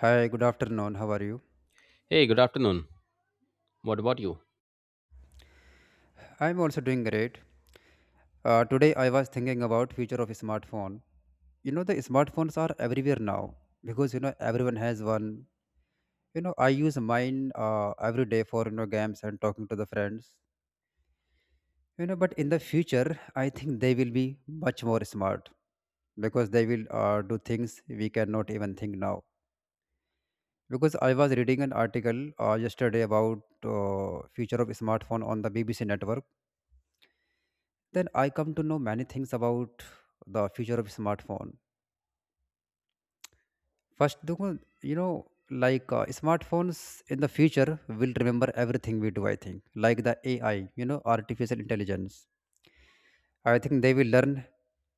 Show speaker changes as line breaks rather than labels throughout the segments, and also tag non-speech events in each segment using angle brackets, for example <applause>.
Hi, good afternoon. How are you?
Hey, good afternoon. What about you?
I'm also doing great. Today I was thinking about future of smartphone. You know the smartphones are everywhere now because everyone has one. You know, I use mine every day for games and talking to the friends. You know, but in the future I think they will be much more smart, because they will do things we cannot even think now. Because I was reading an article yesterday about future of smartphone on the BBC network, then I come to know many things about the future of smartphone. First, Dukun, like smartphones in the future will remember everything we do. I think, like the AI, you know, artificial intelligence. I think they will learn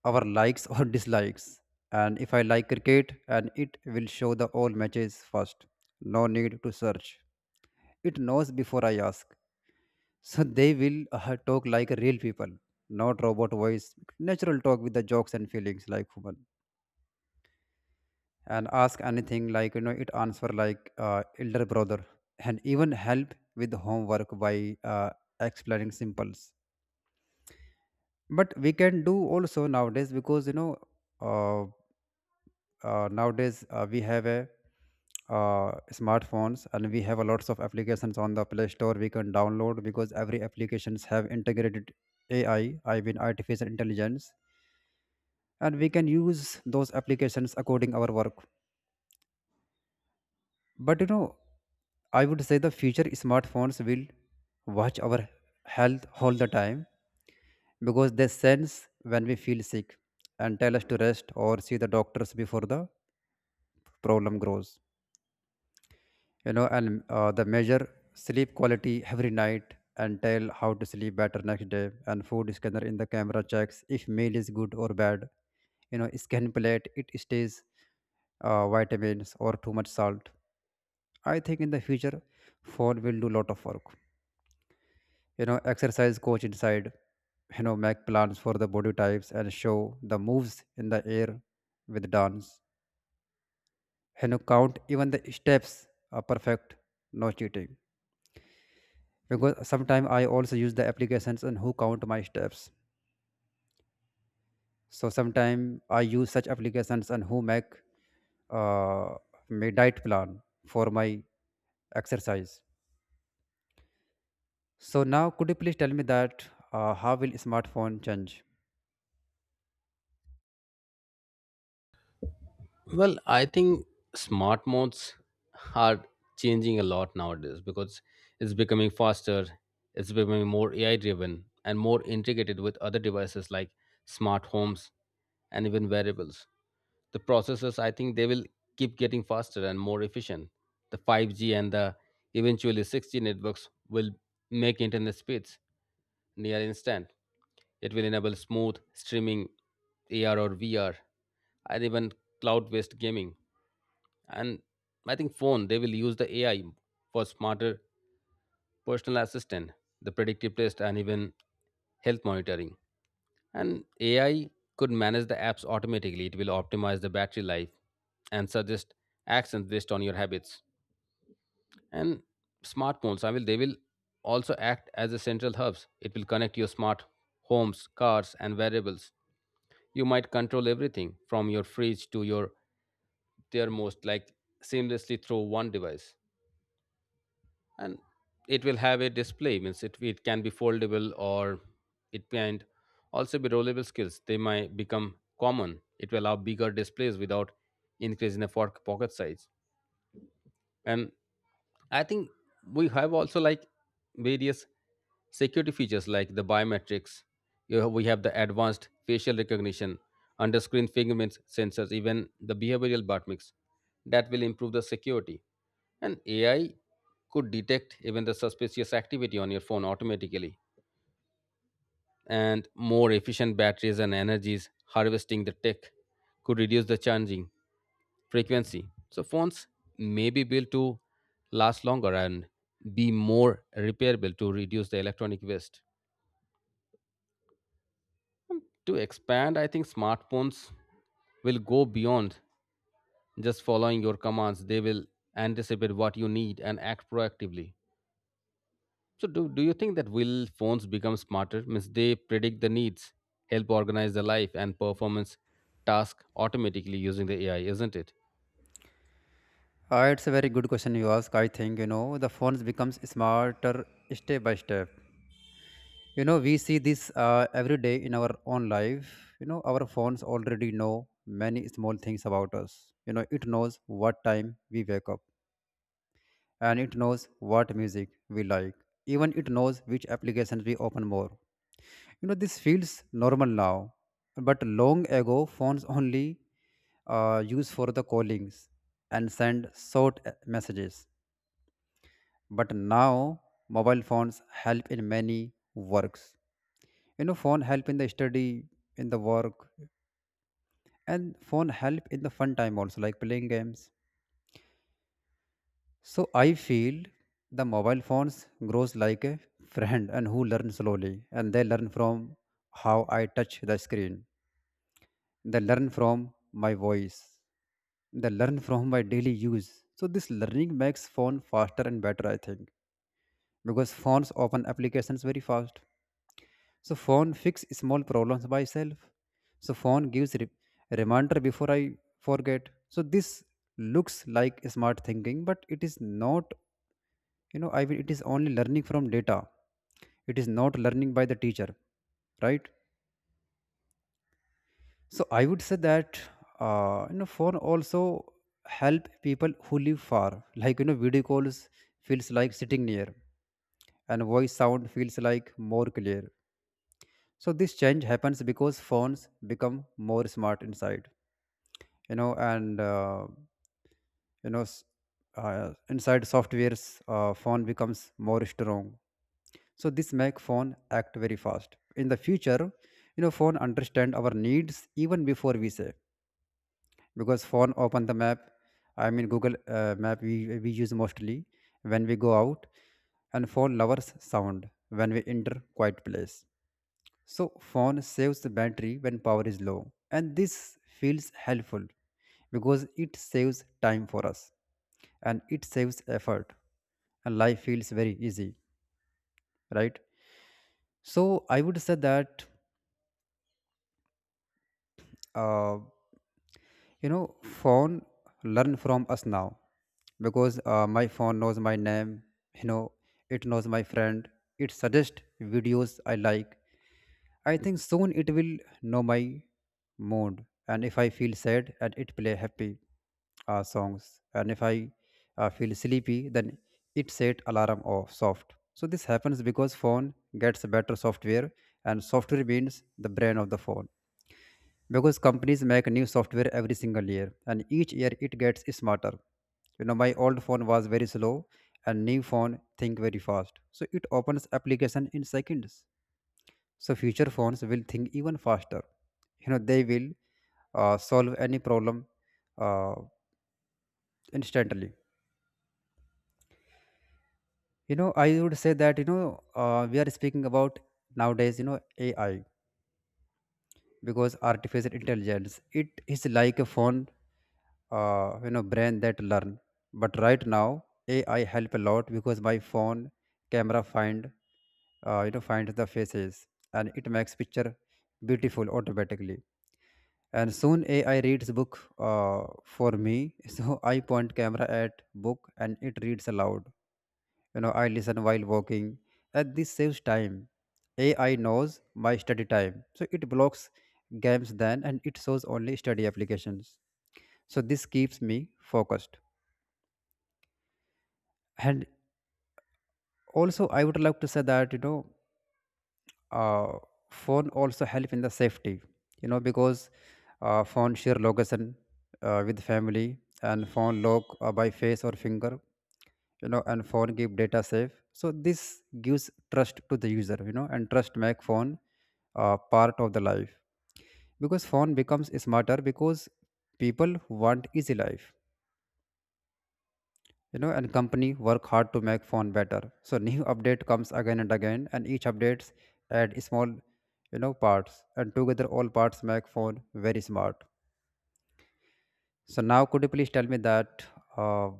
our likes or dislikes. And if I like cricket, and it will show the all matches first. No need to search. It knows before I ask. So they will talk like real people, not robot voice. Natural talk with the jokes and feelings like human. And ask anything, like it answer like elder brother, and even help with homework by uh, explaining simples. But we can do also nowadays, because uh, nowadays we have a smartphones, and we have a lots of applications on the play store we can download, because every applications have integrated AI, I mean, artificial intelligence, and we can use those applications according our work. But I would say the future smartphones will watch our health all the time, because they sense when we feel sick and tell us to rest or see the doctors before the problem grows. And they measure sleep quality every night and tell how to sleep better next day, and food scanner in the camera checks if meal is good or bad. Scan plate it stays vitamins or too much salt. I think in the future phone will do lot of work. Exercise coach inside. Make plans for the body types and show the moves in the air with dance. Count even the steps are perfect. No cheating. Because sometimes I also use the applications and who count my steps. So sometimes I use such applications and who make uh, my diet plan for my exercise. So now could you please tell me that how will smartphone change?
Well, I think smart modes are changing a lot nowadays because it's becoming faster, it's becoming more AI driven and more integrated with other devices like smart homes and even wearables. The processors, I think they will keep getting faster and more efficient. The 5G and the eventually 6G networks will make internet speeds near instant. It will enable smooth streaming, AR or VR, and even cloud-based gaming. And I think phone they will use the AI for smarter personal assistant, the predictive test, and even health monitoring. And AI could manage the apps automatically. It will optimize the battery life and suggest actions based on your habits. And smartphones I will they will also act as a central hubs. It will connect your smart homes, cars, and variables. You might control everything from your fridge to your thermostat, like seamlessly through one device. And it will have a display means it can be foldable, or it can also be rollable skills. They might become common. It will allow bigger displays without increasing the pocket size. And I think we have also like various security features like the biometrics. We have the advanced facial recognition, under-screen fingerprint sensors, even the behavioral biometrics that will improve the security. And AI could detect even the suspicious activity on your phone automatically, and more efficient batteries and energies harvesting the tech could reduce the charging frequency. So phones may be built to last longer and be more repairable to reduce the electronic waste. To expand, I think smartphones will go beyond just following your commands. They will anticipate what you need and act proactively. So, do you think that will phones become smarter? Means they predict the needs, help organize the life and performance task automatically using the AI, isn't it?
It's a very good question you ask. I think the phones becomes smarter step by step. You know, we see this every day in our own life. You know our phones already know many small things about us. You know it knows what time we wake up, and it knows what music we like. Even it knows which applications we open more. You know, this feels normal now, but long ago phones only used for the callings and send short messages. But now mobile phones help in many works. Phone help in the study, in the work, and phone help in the fun time also, like playing games. So I feel the mobile phones grows like a friend and who learn slowly, and they learn from how I touch the screen. They learn from my voice. They learn from my daily use. So this learning makes phone faster and better, I think. Because phones open applications very fast. So phone fix small problems by itself. So phone gives reminder before I forget. So this looks like smart thinking, but it is not. You know, I mean, it is only learning from data. It is not learning by the teacher, right? So I would say that phone also help people who live far. Like video calls feels like sitting near, and voice sound feels like more clear. So this change happens because phones become more smart inside, and you know, s- inside softwares, phone becomes more strong. So this make phone act very fast. In the future, phone understand our needs even before we say, because phone open the map. I mean, Google Map we use mostly when we go out, and phone lovers sound when we enter quiet place. So phone saves the battery when power is low, and this feels helpful because it saves time for us, and it saves effort, and life feels very easy, right? So I would say that uh, you know phone learn from us now, because my phone knows my name, you know. It knows my friend. It suggests videos I like. I think soon it will know my mood, and if I feel sad and it play happy songs, and if I feel sleepy then it set alarm off soft. So this happens because phone gets better software, and software means the brain of the phone. Because companies make new software every single year, and each year it gets smarter. You know, my old phone was very slow, and new phone think very fast, so it opens application in seconds. So future phones will think even faster. You know, they will solve any problem uh, instantly. You know, I would say that, we are speaking about nowadays, AI, because artificial intelligence, it is like a phone brain that learn. But right now AI help a lot because my phone camera find find the faces, and it makes picture beautiful automatically. And soon AI reads book for me <laughs> so I point camera at book and it reads aloud. You know, I listen while walking, and this saves time. AI knows my study time, so it blocks games then and it shows only study applications. So this keeps me focused. And also I would like to say that uh, phone also help in the safety. You know, because phone share location with family, and phone lock by face or finger. You know, and phone keep data safe, so this gives trust to the user, you know, and trust make phone part of the life. Because phone becomes smarter because people want easy life, you know, and company work hard to make phone better, so <laughs> new update comes again and again, and each updates add small, you know, parts, and together all parts make phone very smart. So now could you please tell me that uh,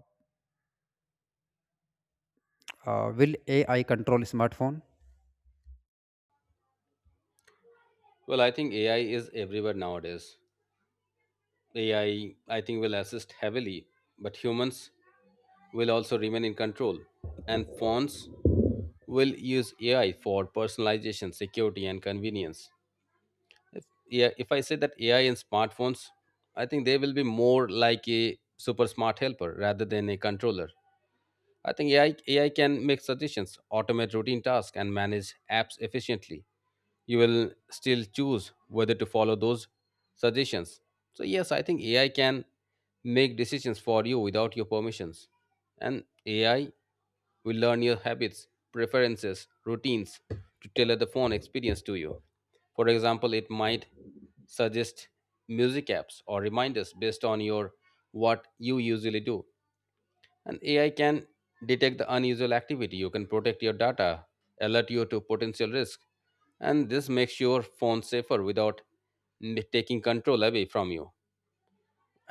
will AI control smartphone?
Well, I think AI is everywhere nowadays. AI, I think, will assist heavily, but humans will also remain in control. And phones will use AI for personalization, security, and convenience. If, yeah, if I say that AI in smartphones, I think they will be more like a super smart helper rather than a controller. I think AI can make suggestions, automate routine tasks, and manage apps efficiently. You will still choose whether to follow those suggestions. So, yes, I think AI can make decisions for you without your permissions. And AI will learn your habits, preferences, routines to tailor the phone experience to you. For example, it might suggest music apps or reminders based on your what you usually do. And AI can detect the unusual activity. You can protect your data, alert you to potential risk, and this makes your phone safer without taking control away from you.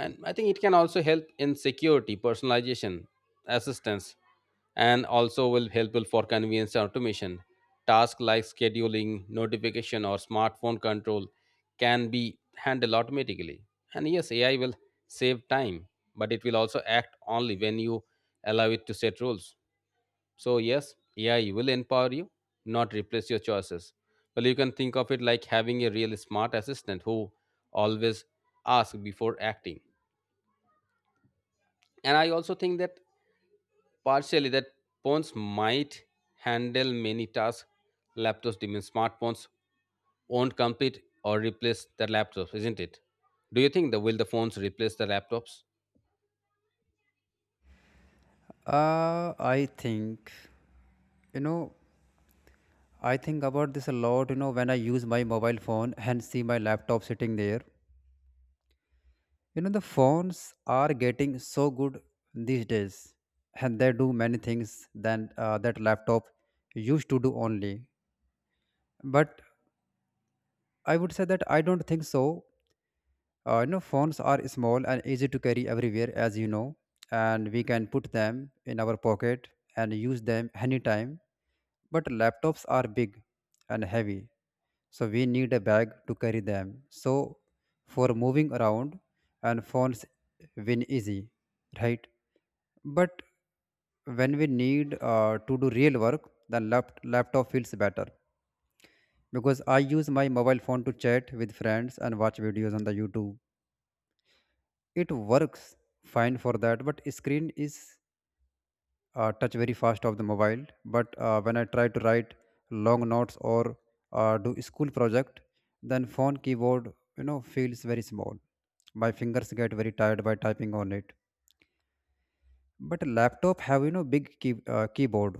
And I think it can also help in security, personalization, assistance, and also will helpful for convenience and automation. Tasks like scheduling notification or smartphone control can be handled automatically. And yes, AI will save time, but it will also act only when you allow it to set rules. So yes, AI will empower you, not replace your choices. Well, you can think of it like having a real smart assistant who always asks before acting. And I also think that partially that phones might handle many tasks laptops demand. Smartphones won't compete or replace the laptops, isn't it? Do you think the will the phones replace the laptops?
I think you know I think about this a lot, you know, when I use my mobile phone and see my laptop sitting there. You know, the phones are getting so good these days, and they do many things than that laptop used to do only. But I would say that I don't think so. You know, phones are small and easy to carry everywhere, as you know, and we can put them in our pocket and use them anytime. But laptops are big and heavy, so we need a bag to carry them, so for moving around and phones win easy, right? But when we need to do real work the laptop feels better. Because I use my mobile phone to chat with friends and watch videos on the YouTube. It works fine for that, but screen is touch very fast of the mobile. But when I try to write long notes or do school project, then phone keyboard feels very small. My fingers get very tired by typing on it, but laptop have big keyboard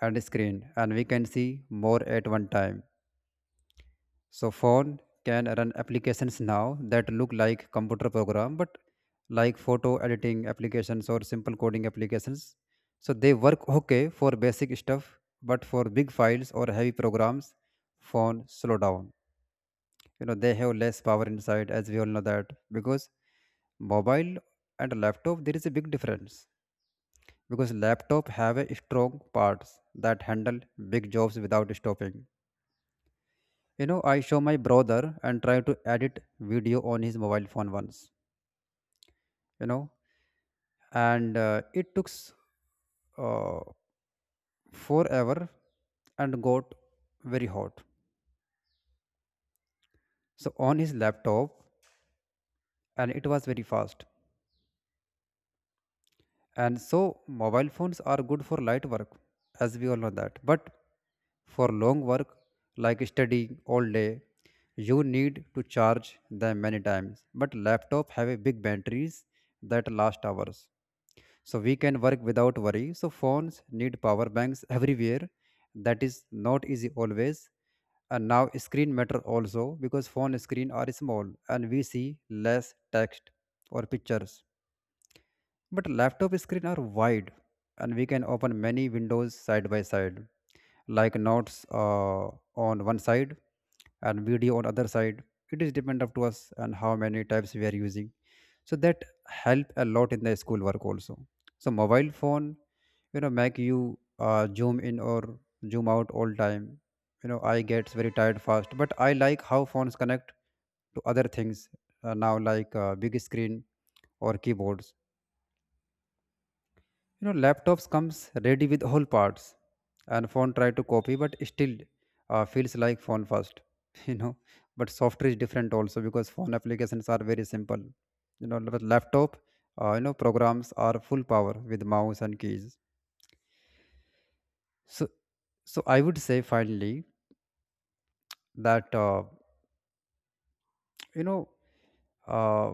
and screen, and we can see more at one time. So phone can run applications now that look like computer program, but like photo editing applications or simple coding applications. So they work okay for basic stuff, but for big files or heavy programs, phone slow down. You know, they have less power inside, as we all know that, because mobile and laptop there is a big difference, because laptop have a strong parts that handle big jobs without stopping. You know, I show my brother and try to edit video on his mobile phone once, you know, and it took uh, forever and got very hot. So on his laptop, and it was very fast. And so mobile phones are good for light work, as we all know that. But for long work, like studying all day, you need to charge them many times. But laptop have a big batteries that last hours, so we can work without worry. So phones need power banks everywhere. That is not easy always. And now screen matter also because phone screen are small and we see less text or pictures, but laptop screen are wide and we can open many windows side by side, like notes on one side and video on other side. It is depend up to us and how many types we are using. So that help a lot in the school work also. So mobile phone, make you zoom in or zoom out all time. I gets very tired fast, but I like how phones connect to other things now, like big screen or keyboards. You know laptops comes ready with all parts, and phone try to copy but still feels like phone first <laughs> you know but software is different also because phone applications are very simple, but laptop programs are full power with mouse and keys. So so i would say finally that you know uh,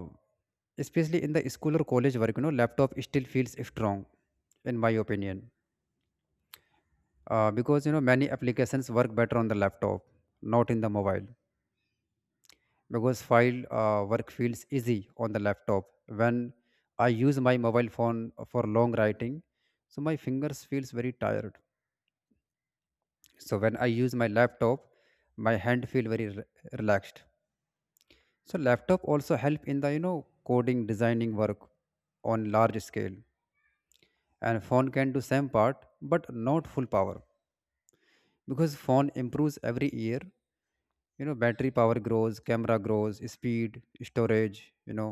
especially in the school or college work, laptop still feels strong, in my opinion. Because many applications work better on the laptop, not in the mobile, because file work feels easy on the laptop. When I use my mobile phone for long writing, so my fingers feels very tired. So when I use my laptop, my hand feel very relaxed. So laptop also help in the coding designing work on large scale, and phone can do same part but not full power. Because phone improves every year, battery power grows, camera grows, speed, storage,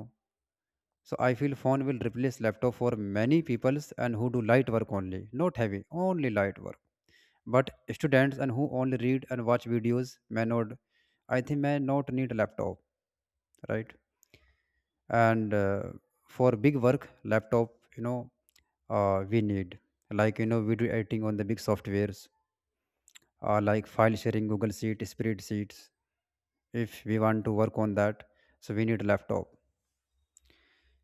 so I feel phone will replace laptop for many peoples and who do light work only, not heavy, only light work. But students and who only read and watch videos may not, I think, may not need a laptop, right? And for big work laptop, we need, like, video editing on the big softwares, like file sharing, google sheet spreadsheets. If we want to work on that, so we need laptop.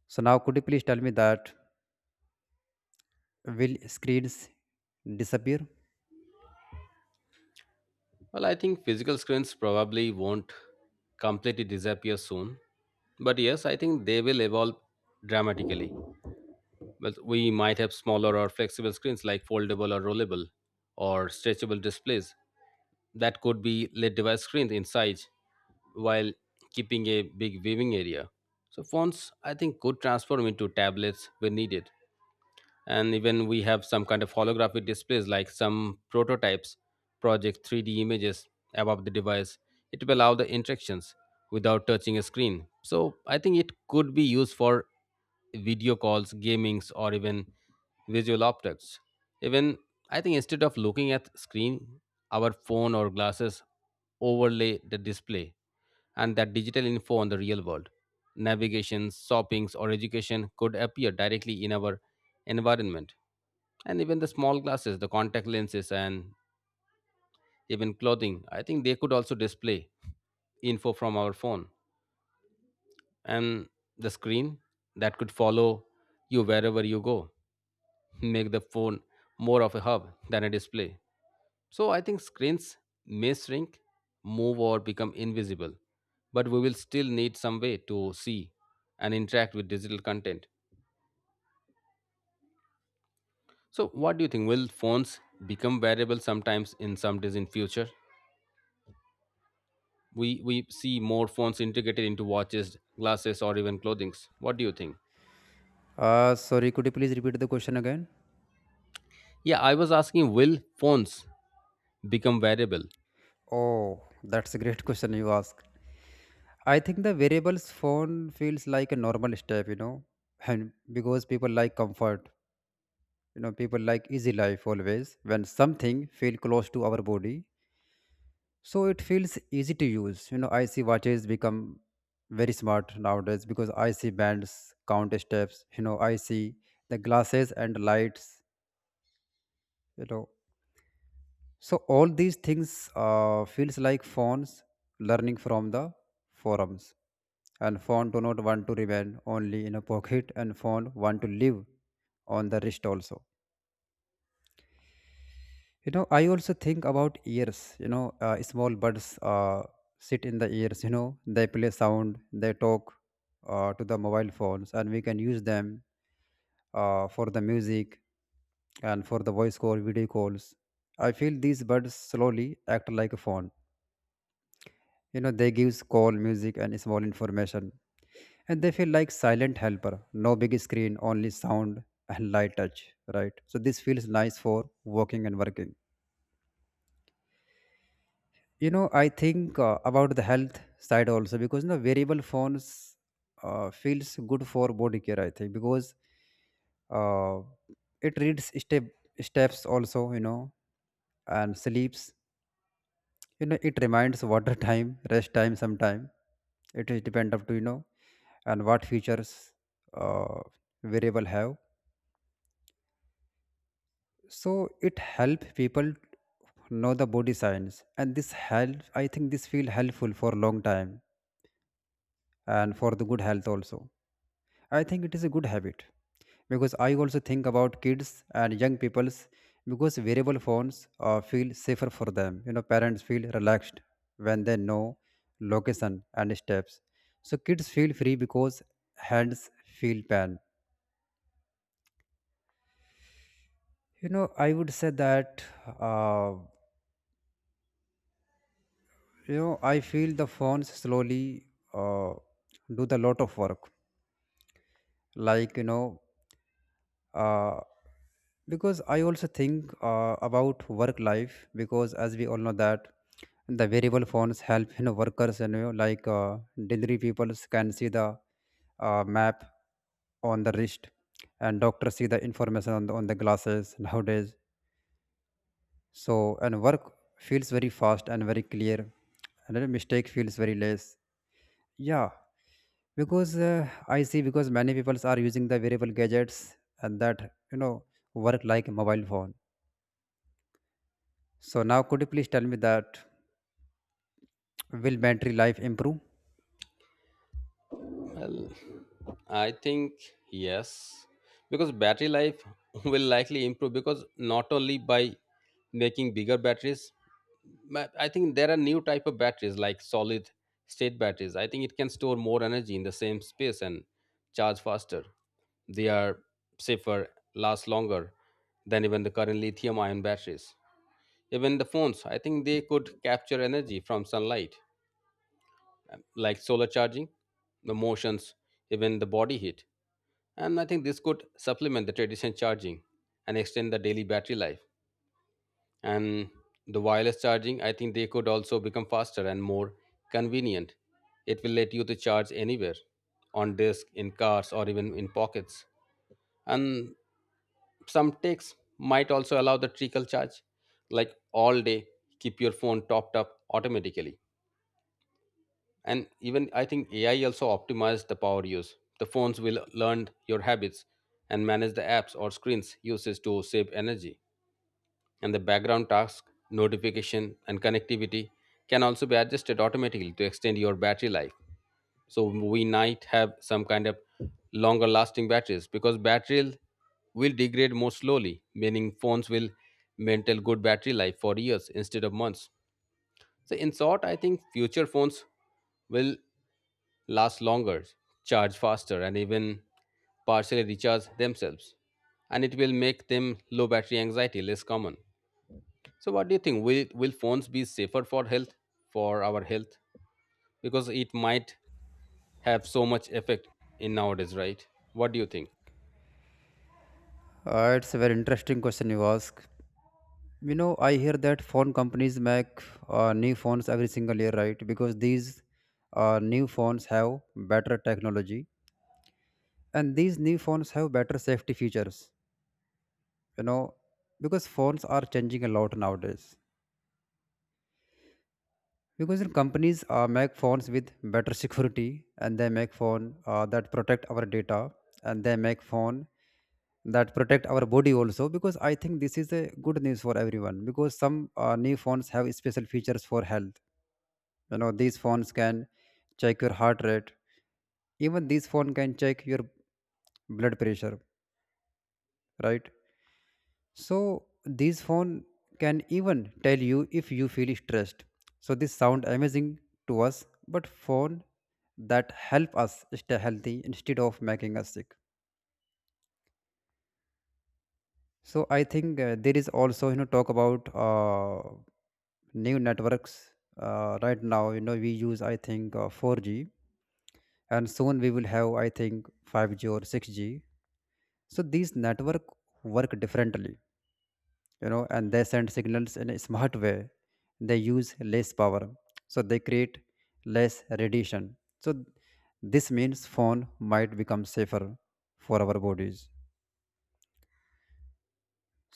So now could you please tell me that, will screens disappear?
Well, I think physical screens probably won't completely disappear soon, but yes, I think they will evolve dramatically. Well, we might have smaller or flexible screens like foldable or rollable or stretchable displays that could be LED device screens in size while keeping a big viewing area. So phones, I think, could transform into tablets when needed. And even we have some kind of holographic displays like some prototypes project 3D images above the device. It will allow the interactions without touching a screen, so I think it could be used for video calls, gamings, or even visual objects. Even I think instead of looking at screen, our phone or glasses overlay the display and that digital info on the real world. Navigation, shoppings, or education could appear directly in our environment. And even the small glasses, the contact lenses, and even clothing, I think they could also display info from our phone. And the screen that could follow you wherever you go <laughs> make the phone more of a hub than a display. So I think screens may shrink, move, or become invisible, but we will still need some way to see and interact with digital content. So what do you think? Will phones become wearable sometimes in some days in future? We see more phones integrated into watches, glasses, or even clothing. What do you think?
Uh sorry, could you please repeat the question again?
Yeah, I was asking will phones become wearable.
Oh, that's a great <laughs> question you ask. I think the variables phone feels like a normal step, you know, and because people like comfort, you know, people like easy life always. When something feel close to our body, so it feels easy to use. You know, I see watches become very smart nowadays, because I see bands count steps. You know, I see the glasses and lights, you know. So all these things feels like phones learning from the forums. And phone do not want to remain only in a pocket, and phone want to live on the wrist also. You know, I also think about ears. You know, small birds sit in the ears. You know, they play sound, they talk to the mobile phones, and we can use them for the music and for the voice call, video calls. I feel these birds slowly act like a phone. You know, they gives call, music, and small information, and they feel like silent helper. No big screen, only sound and light touch. Right. So this feels nice for walking and working. You know, I think about the health side also, because you know variable phones feels good for body care, I think. Because uh, it reads steps also, you know, and sleeps. You know, it reminds <laughs> water time, rest time, sometime. It is depend up to you know. And what features uh, variable have, so it help people know the body signs, and this help, I think, this feel helpful for long time and for the good health also. I think it is a good habit, because I also think about kids and young peoples, because wearable phones feel safer for them. You know, parents feel relaxed when they know location and steps. So kids feel free because hands feel pain. You know, I would say that uh, I feel the phones slowly uh, do the lot of work. Like, you know, uh, because I also think about work life, because as we all know that the variable phones help, you know, workers and you know, like, delivery people can see the map on the wrist, and doctors see the information on the glasses nowadays. So, and work feels very fast and very clear, and then mistake feels very less, yeah. Because I see because many people are using the variable gadgets, and that, you know, work like mobile phone. So now, could you please tell me that, will battery life improve?
Well, I think yes, because battery life <laughs> will likely improve because not only by making bigger batteries, but I think there are new type of batteries like solid state batteries. I think it can store more energy in the same space and charge faster. They are safer, last longer than even the current lithium ion batteries. Even the phones, I think they could capture energy from sunlight, like solar charging, the motions, even the body heat. And I think this could supplement the traditional charging and extend the daily battery life. And the wireless charging, I think they could also become faster and more convenient. It will let you to charge anywhere, on disk, in cars, or even in pockets. And some takes might also allow the trickle charge, like all day, keep your phone topped up automatically. And even I think AI also optimized the power use. The phones will learn your habits and manage the apps or screens uses to save energy. And the background task, notification, and connectivity can also be adjusted automatically to extend your battery life. So we might have some kind of longer lasting batteries because battery will degrade more slowly, meaning phones will maintain good battery life for years instead of months. So in short, I think future phones will last longer, charge faster, and even partially recharge themselves. And it will make them low battery anxiety less common. So, what do you think? Will phones be safer for health, for our health? Because it might have so much effect in nowadays, right? What do you think?
It's a very interesting question you ask. You know, I hear that phone companies make new phones every single year, right? Because these new phones have better technology, and these new phones have better safety features. You know, because phones are changing a lot nowadays. Because the companies make phones with better security, and they make phone that protect our data, and they make phone that protect our body also. Because I think this is a good news for everyone, because some new phones have special features for health. You know, these phones can check your heart rate, even this phone can check your blood pressure, right? So these phone can even tell you if you feel stressed. So this sound amazing to us, but phone that help us stay healthy instead of making us sick. So I think there is also you know talk about new networks right now. You know we use I think 4G, and soon we will have I think 5G or 6G. So these network work differently, you know, and they send signals in a smart way. They use less power, so they create less radiation. So this means phone might become safer for our bodies.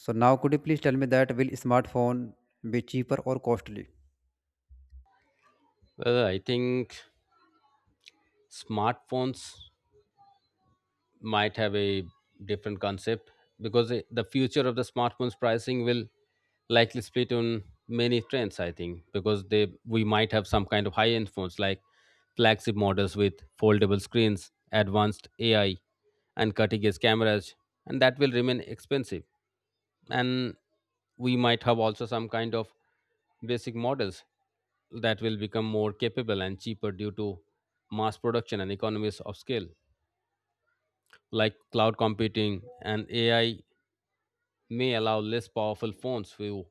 So now could you please tell me that, will smartphone be cheaper or costly?
Well, I think smartphones might have a different concept because the future of the smartphones pricing will likely split on many trends. I think because they we might have some kind of high end phones like flagship models with foldable screens, advanced AI, and cutting edge cameras, and that will remain expensive. And we might have also some kind of basic models that will become more capable and cheaper due to mass production and economies of scale. Like cloud computing and AI may allow less powerful phones to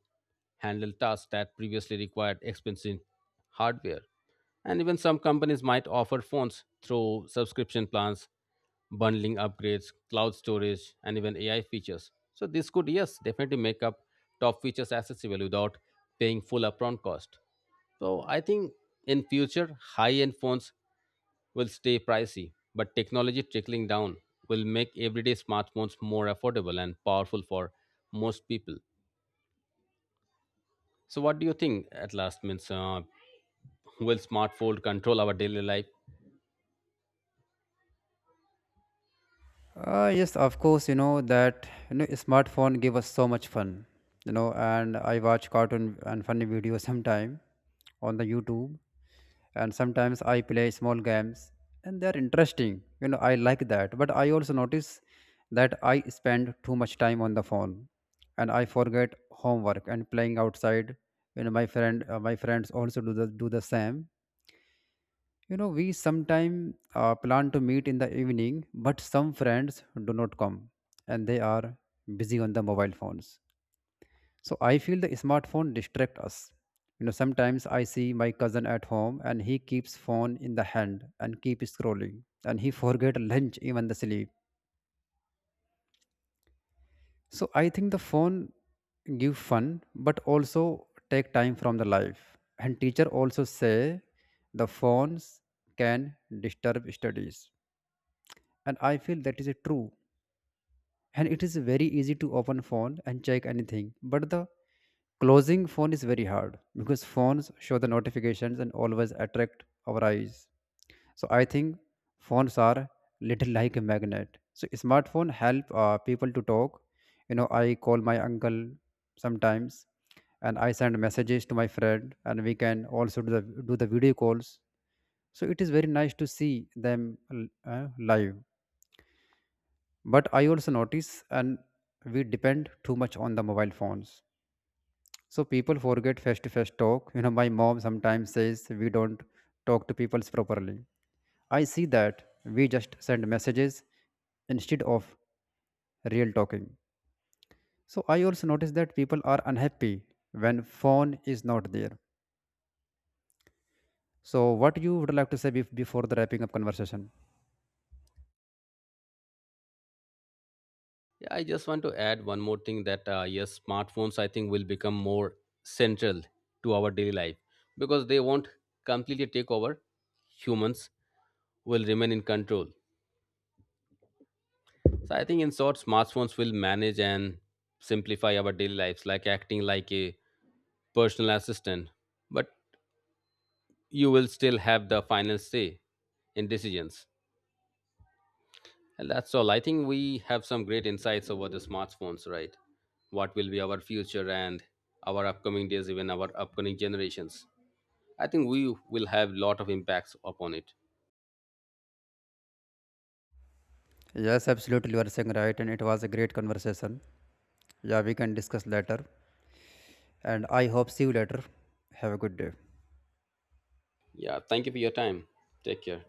handle tasks that previously required expensive hardware. And even some companies might offer phones through subscription plans, bundling upgrades, cloud storage, and even AI features. So this could, yes, definitely make up top features accessible without paying full upfront cost. So I think in future, high-end phones will stay pricey, but technology trickling down will make everyday smartphones more affordable and powerful for most people. So, what do you think at last? Means, will smartphone control our daily life?
Uh, yes of course, you know that, you know smartphone give us so much fun. You know, and I watch cartoon and funny videos <laughs> sometime on the youtube, and sometimes I play small games and they're interesting. You know, I like that, but I also notice that I spend too much time on the phone, and I forget homework and playing outside. You know, my friends also do the same. You know, we sometimes plan to meet in the evening, but some friends do not come, and they are busy on the mobile phones. So I feel the smartphone distract us. You know, sometimes I see my cousin at home and he keeps phone in the hand and keep scrolling, and he <laughs> forget lunch, even the sleep. So I think the phone give fun but also take time from the life. And teacher also say the phones can disturb studies. And I feel that is true, and it is very easy to open phone and check anything, but the closing phone is very hard because phones show the notifications and always attract our eyes. So I think phones are little like a magnet. So smartphone help people to talk. You know, I call my uncle sometimes, and I send messages to my friend, and we can also do the video calls. So it is very nice to see them uh, live. But I also notice and we depend too much on the mobile phones. So people forget face to face talk. You know, my mom sometimes says we don't talk to people properly. I see that we just send messages instead of real talking. So I also notice that people are unhappy when phone is not there. So what you would like to say before the wrapping up conversation?
Yeah, I just want to add one more thing that yes, smartphones I think will become more central to our daily life because they won't completely take over. Humans will remain in control. So I think in short, smartphones will manage and simplify our daily lives, like acting like a personal assistant, but you will still have the final say in decisions. And that's all. I think we have some great insights over the smartphones, right? What will be our future and our upcoming days, even our upcoming generations. I think we will have lot of impacts upon it.
Yes, absolutely, you are saying right, and it was a great conversation. Yeah, we can discuss later. And I hope see you later. Have a good day.
Yeah, thank you for your time. Take care.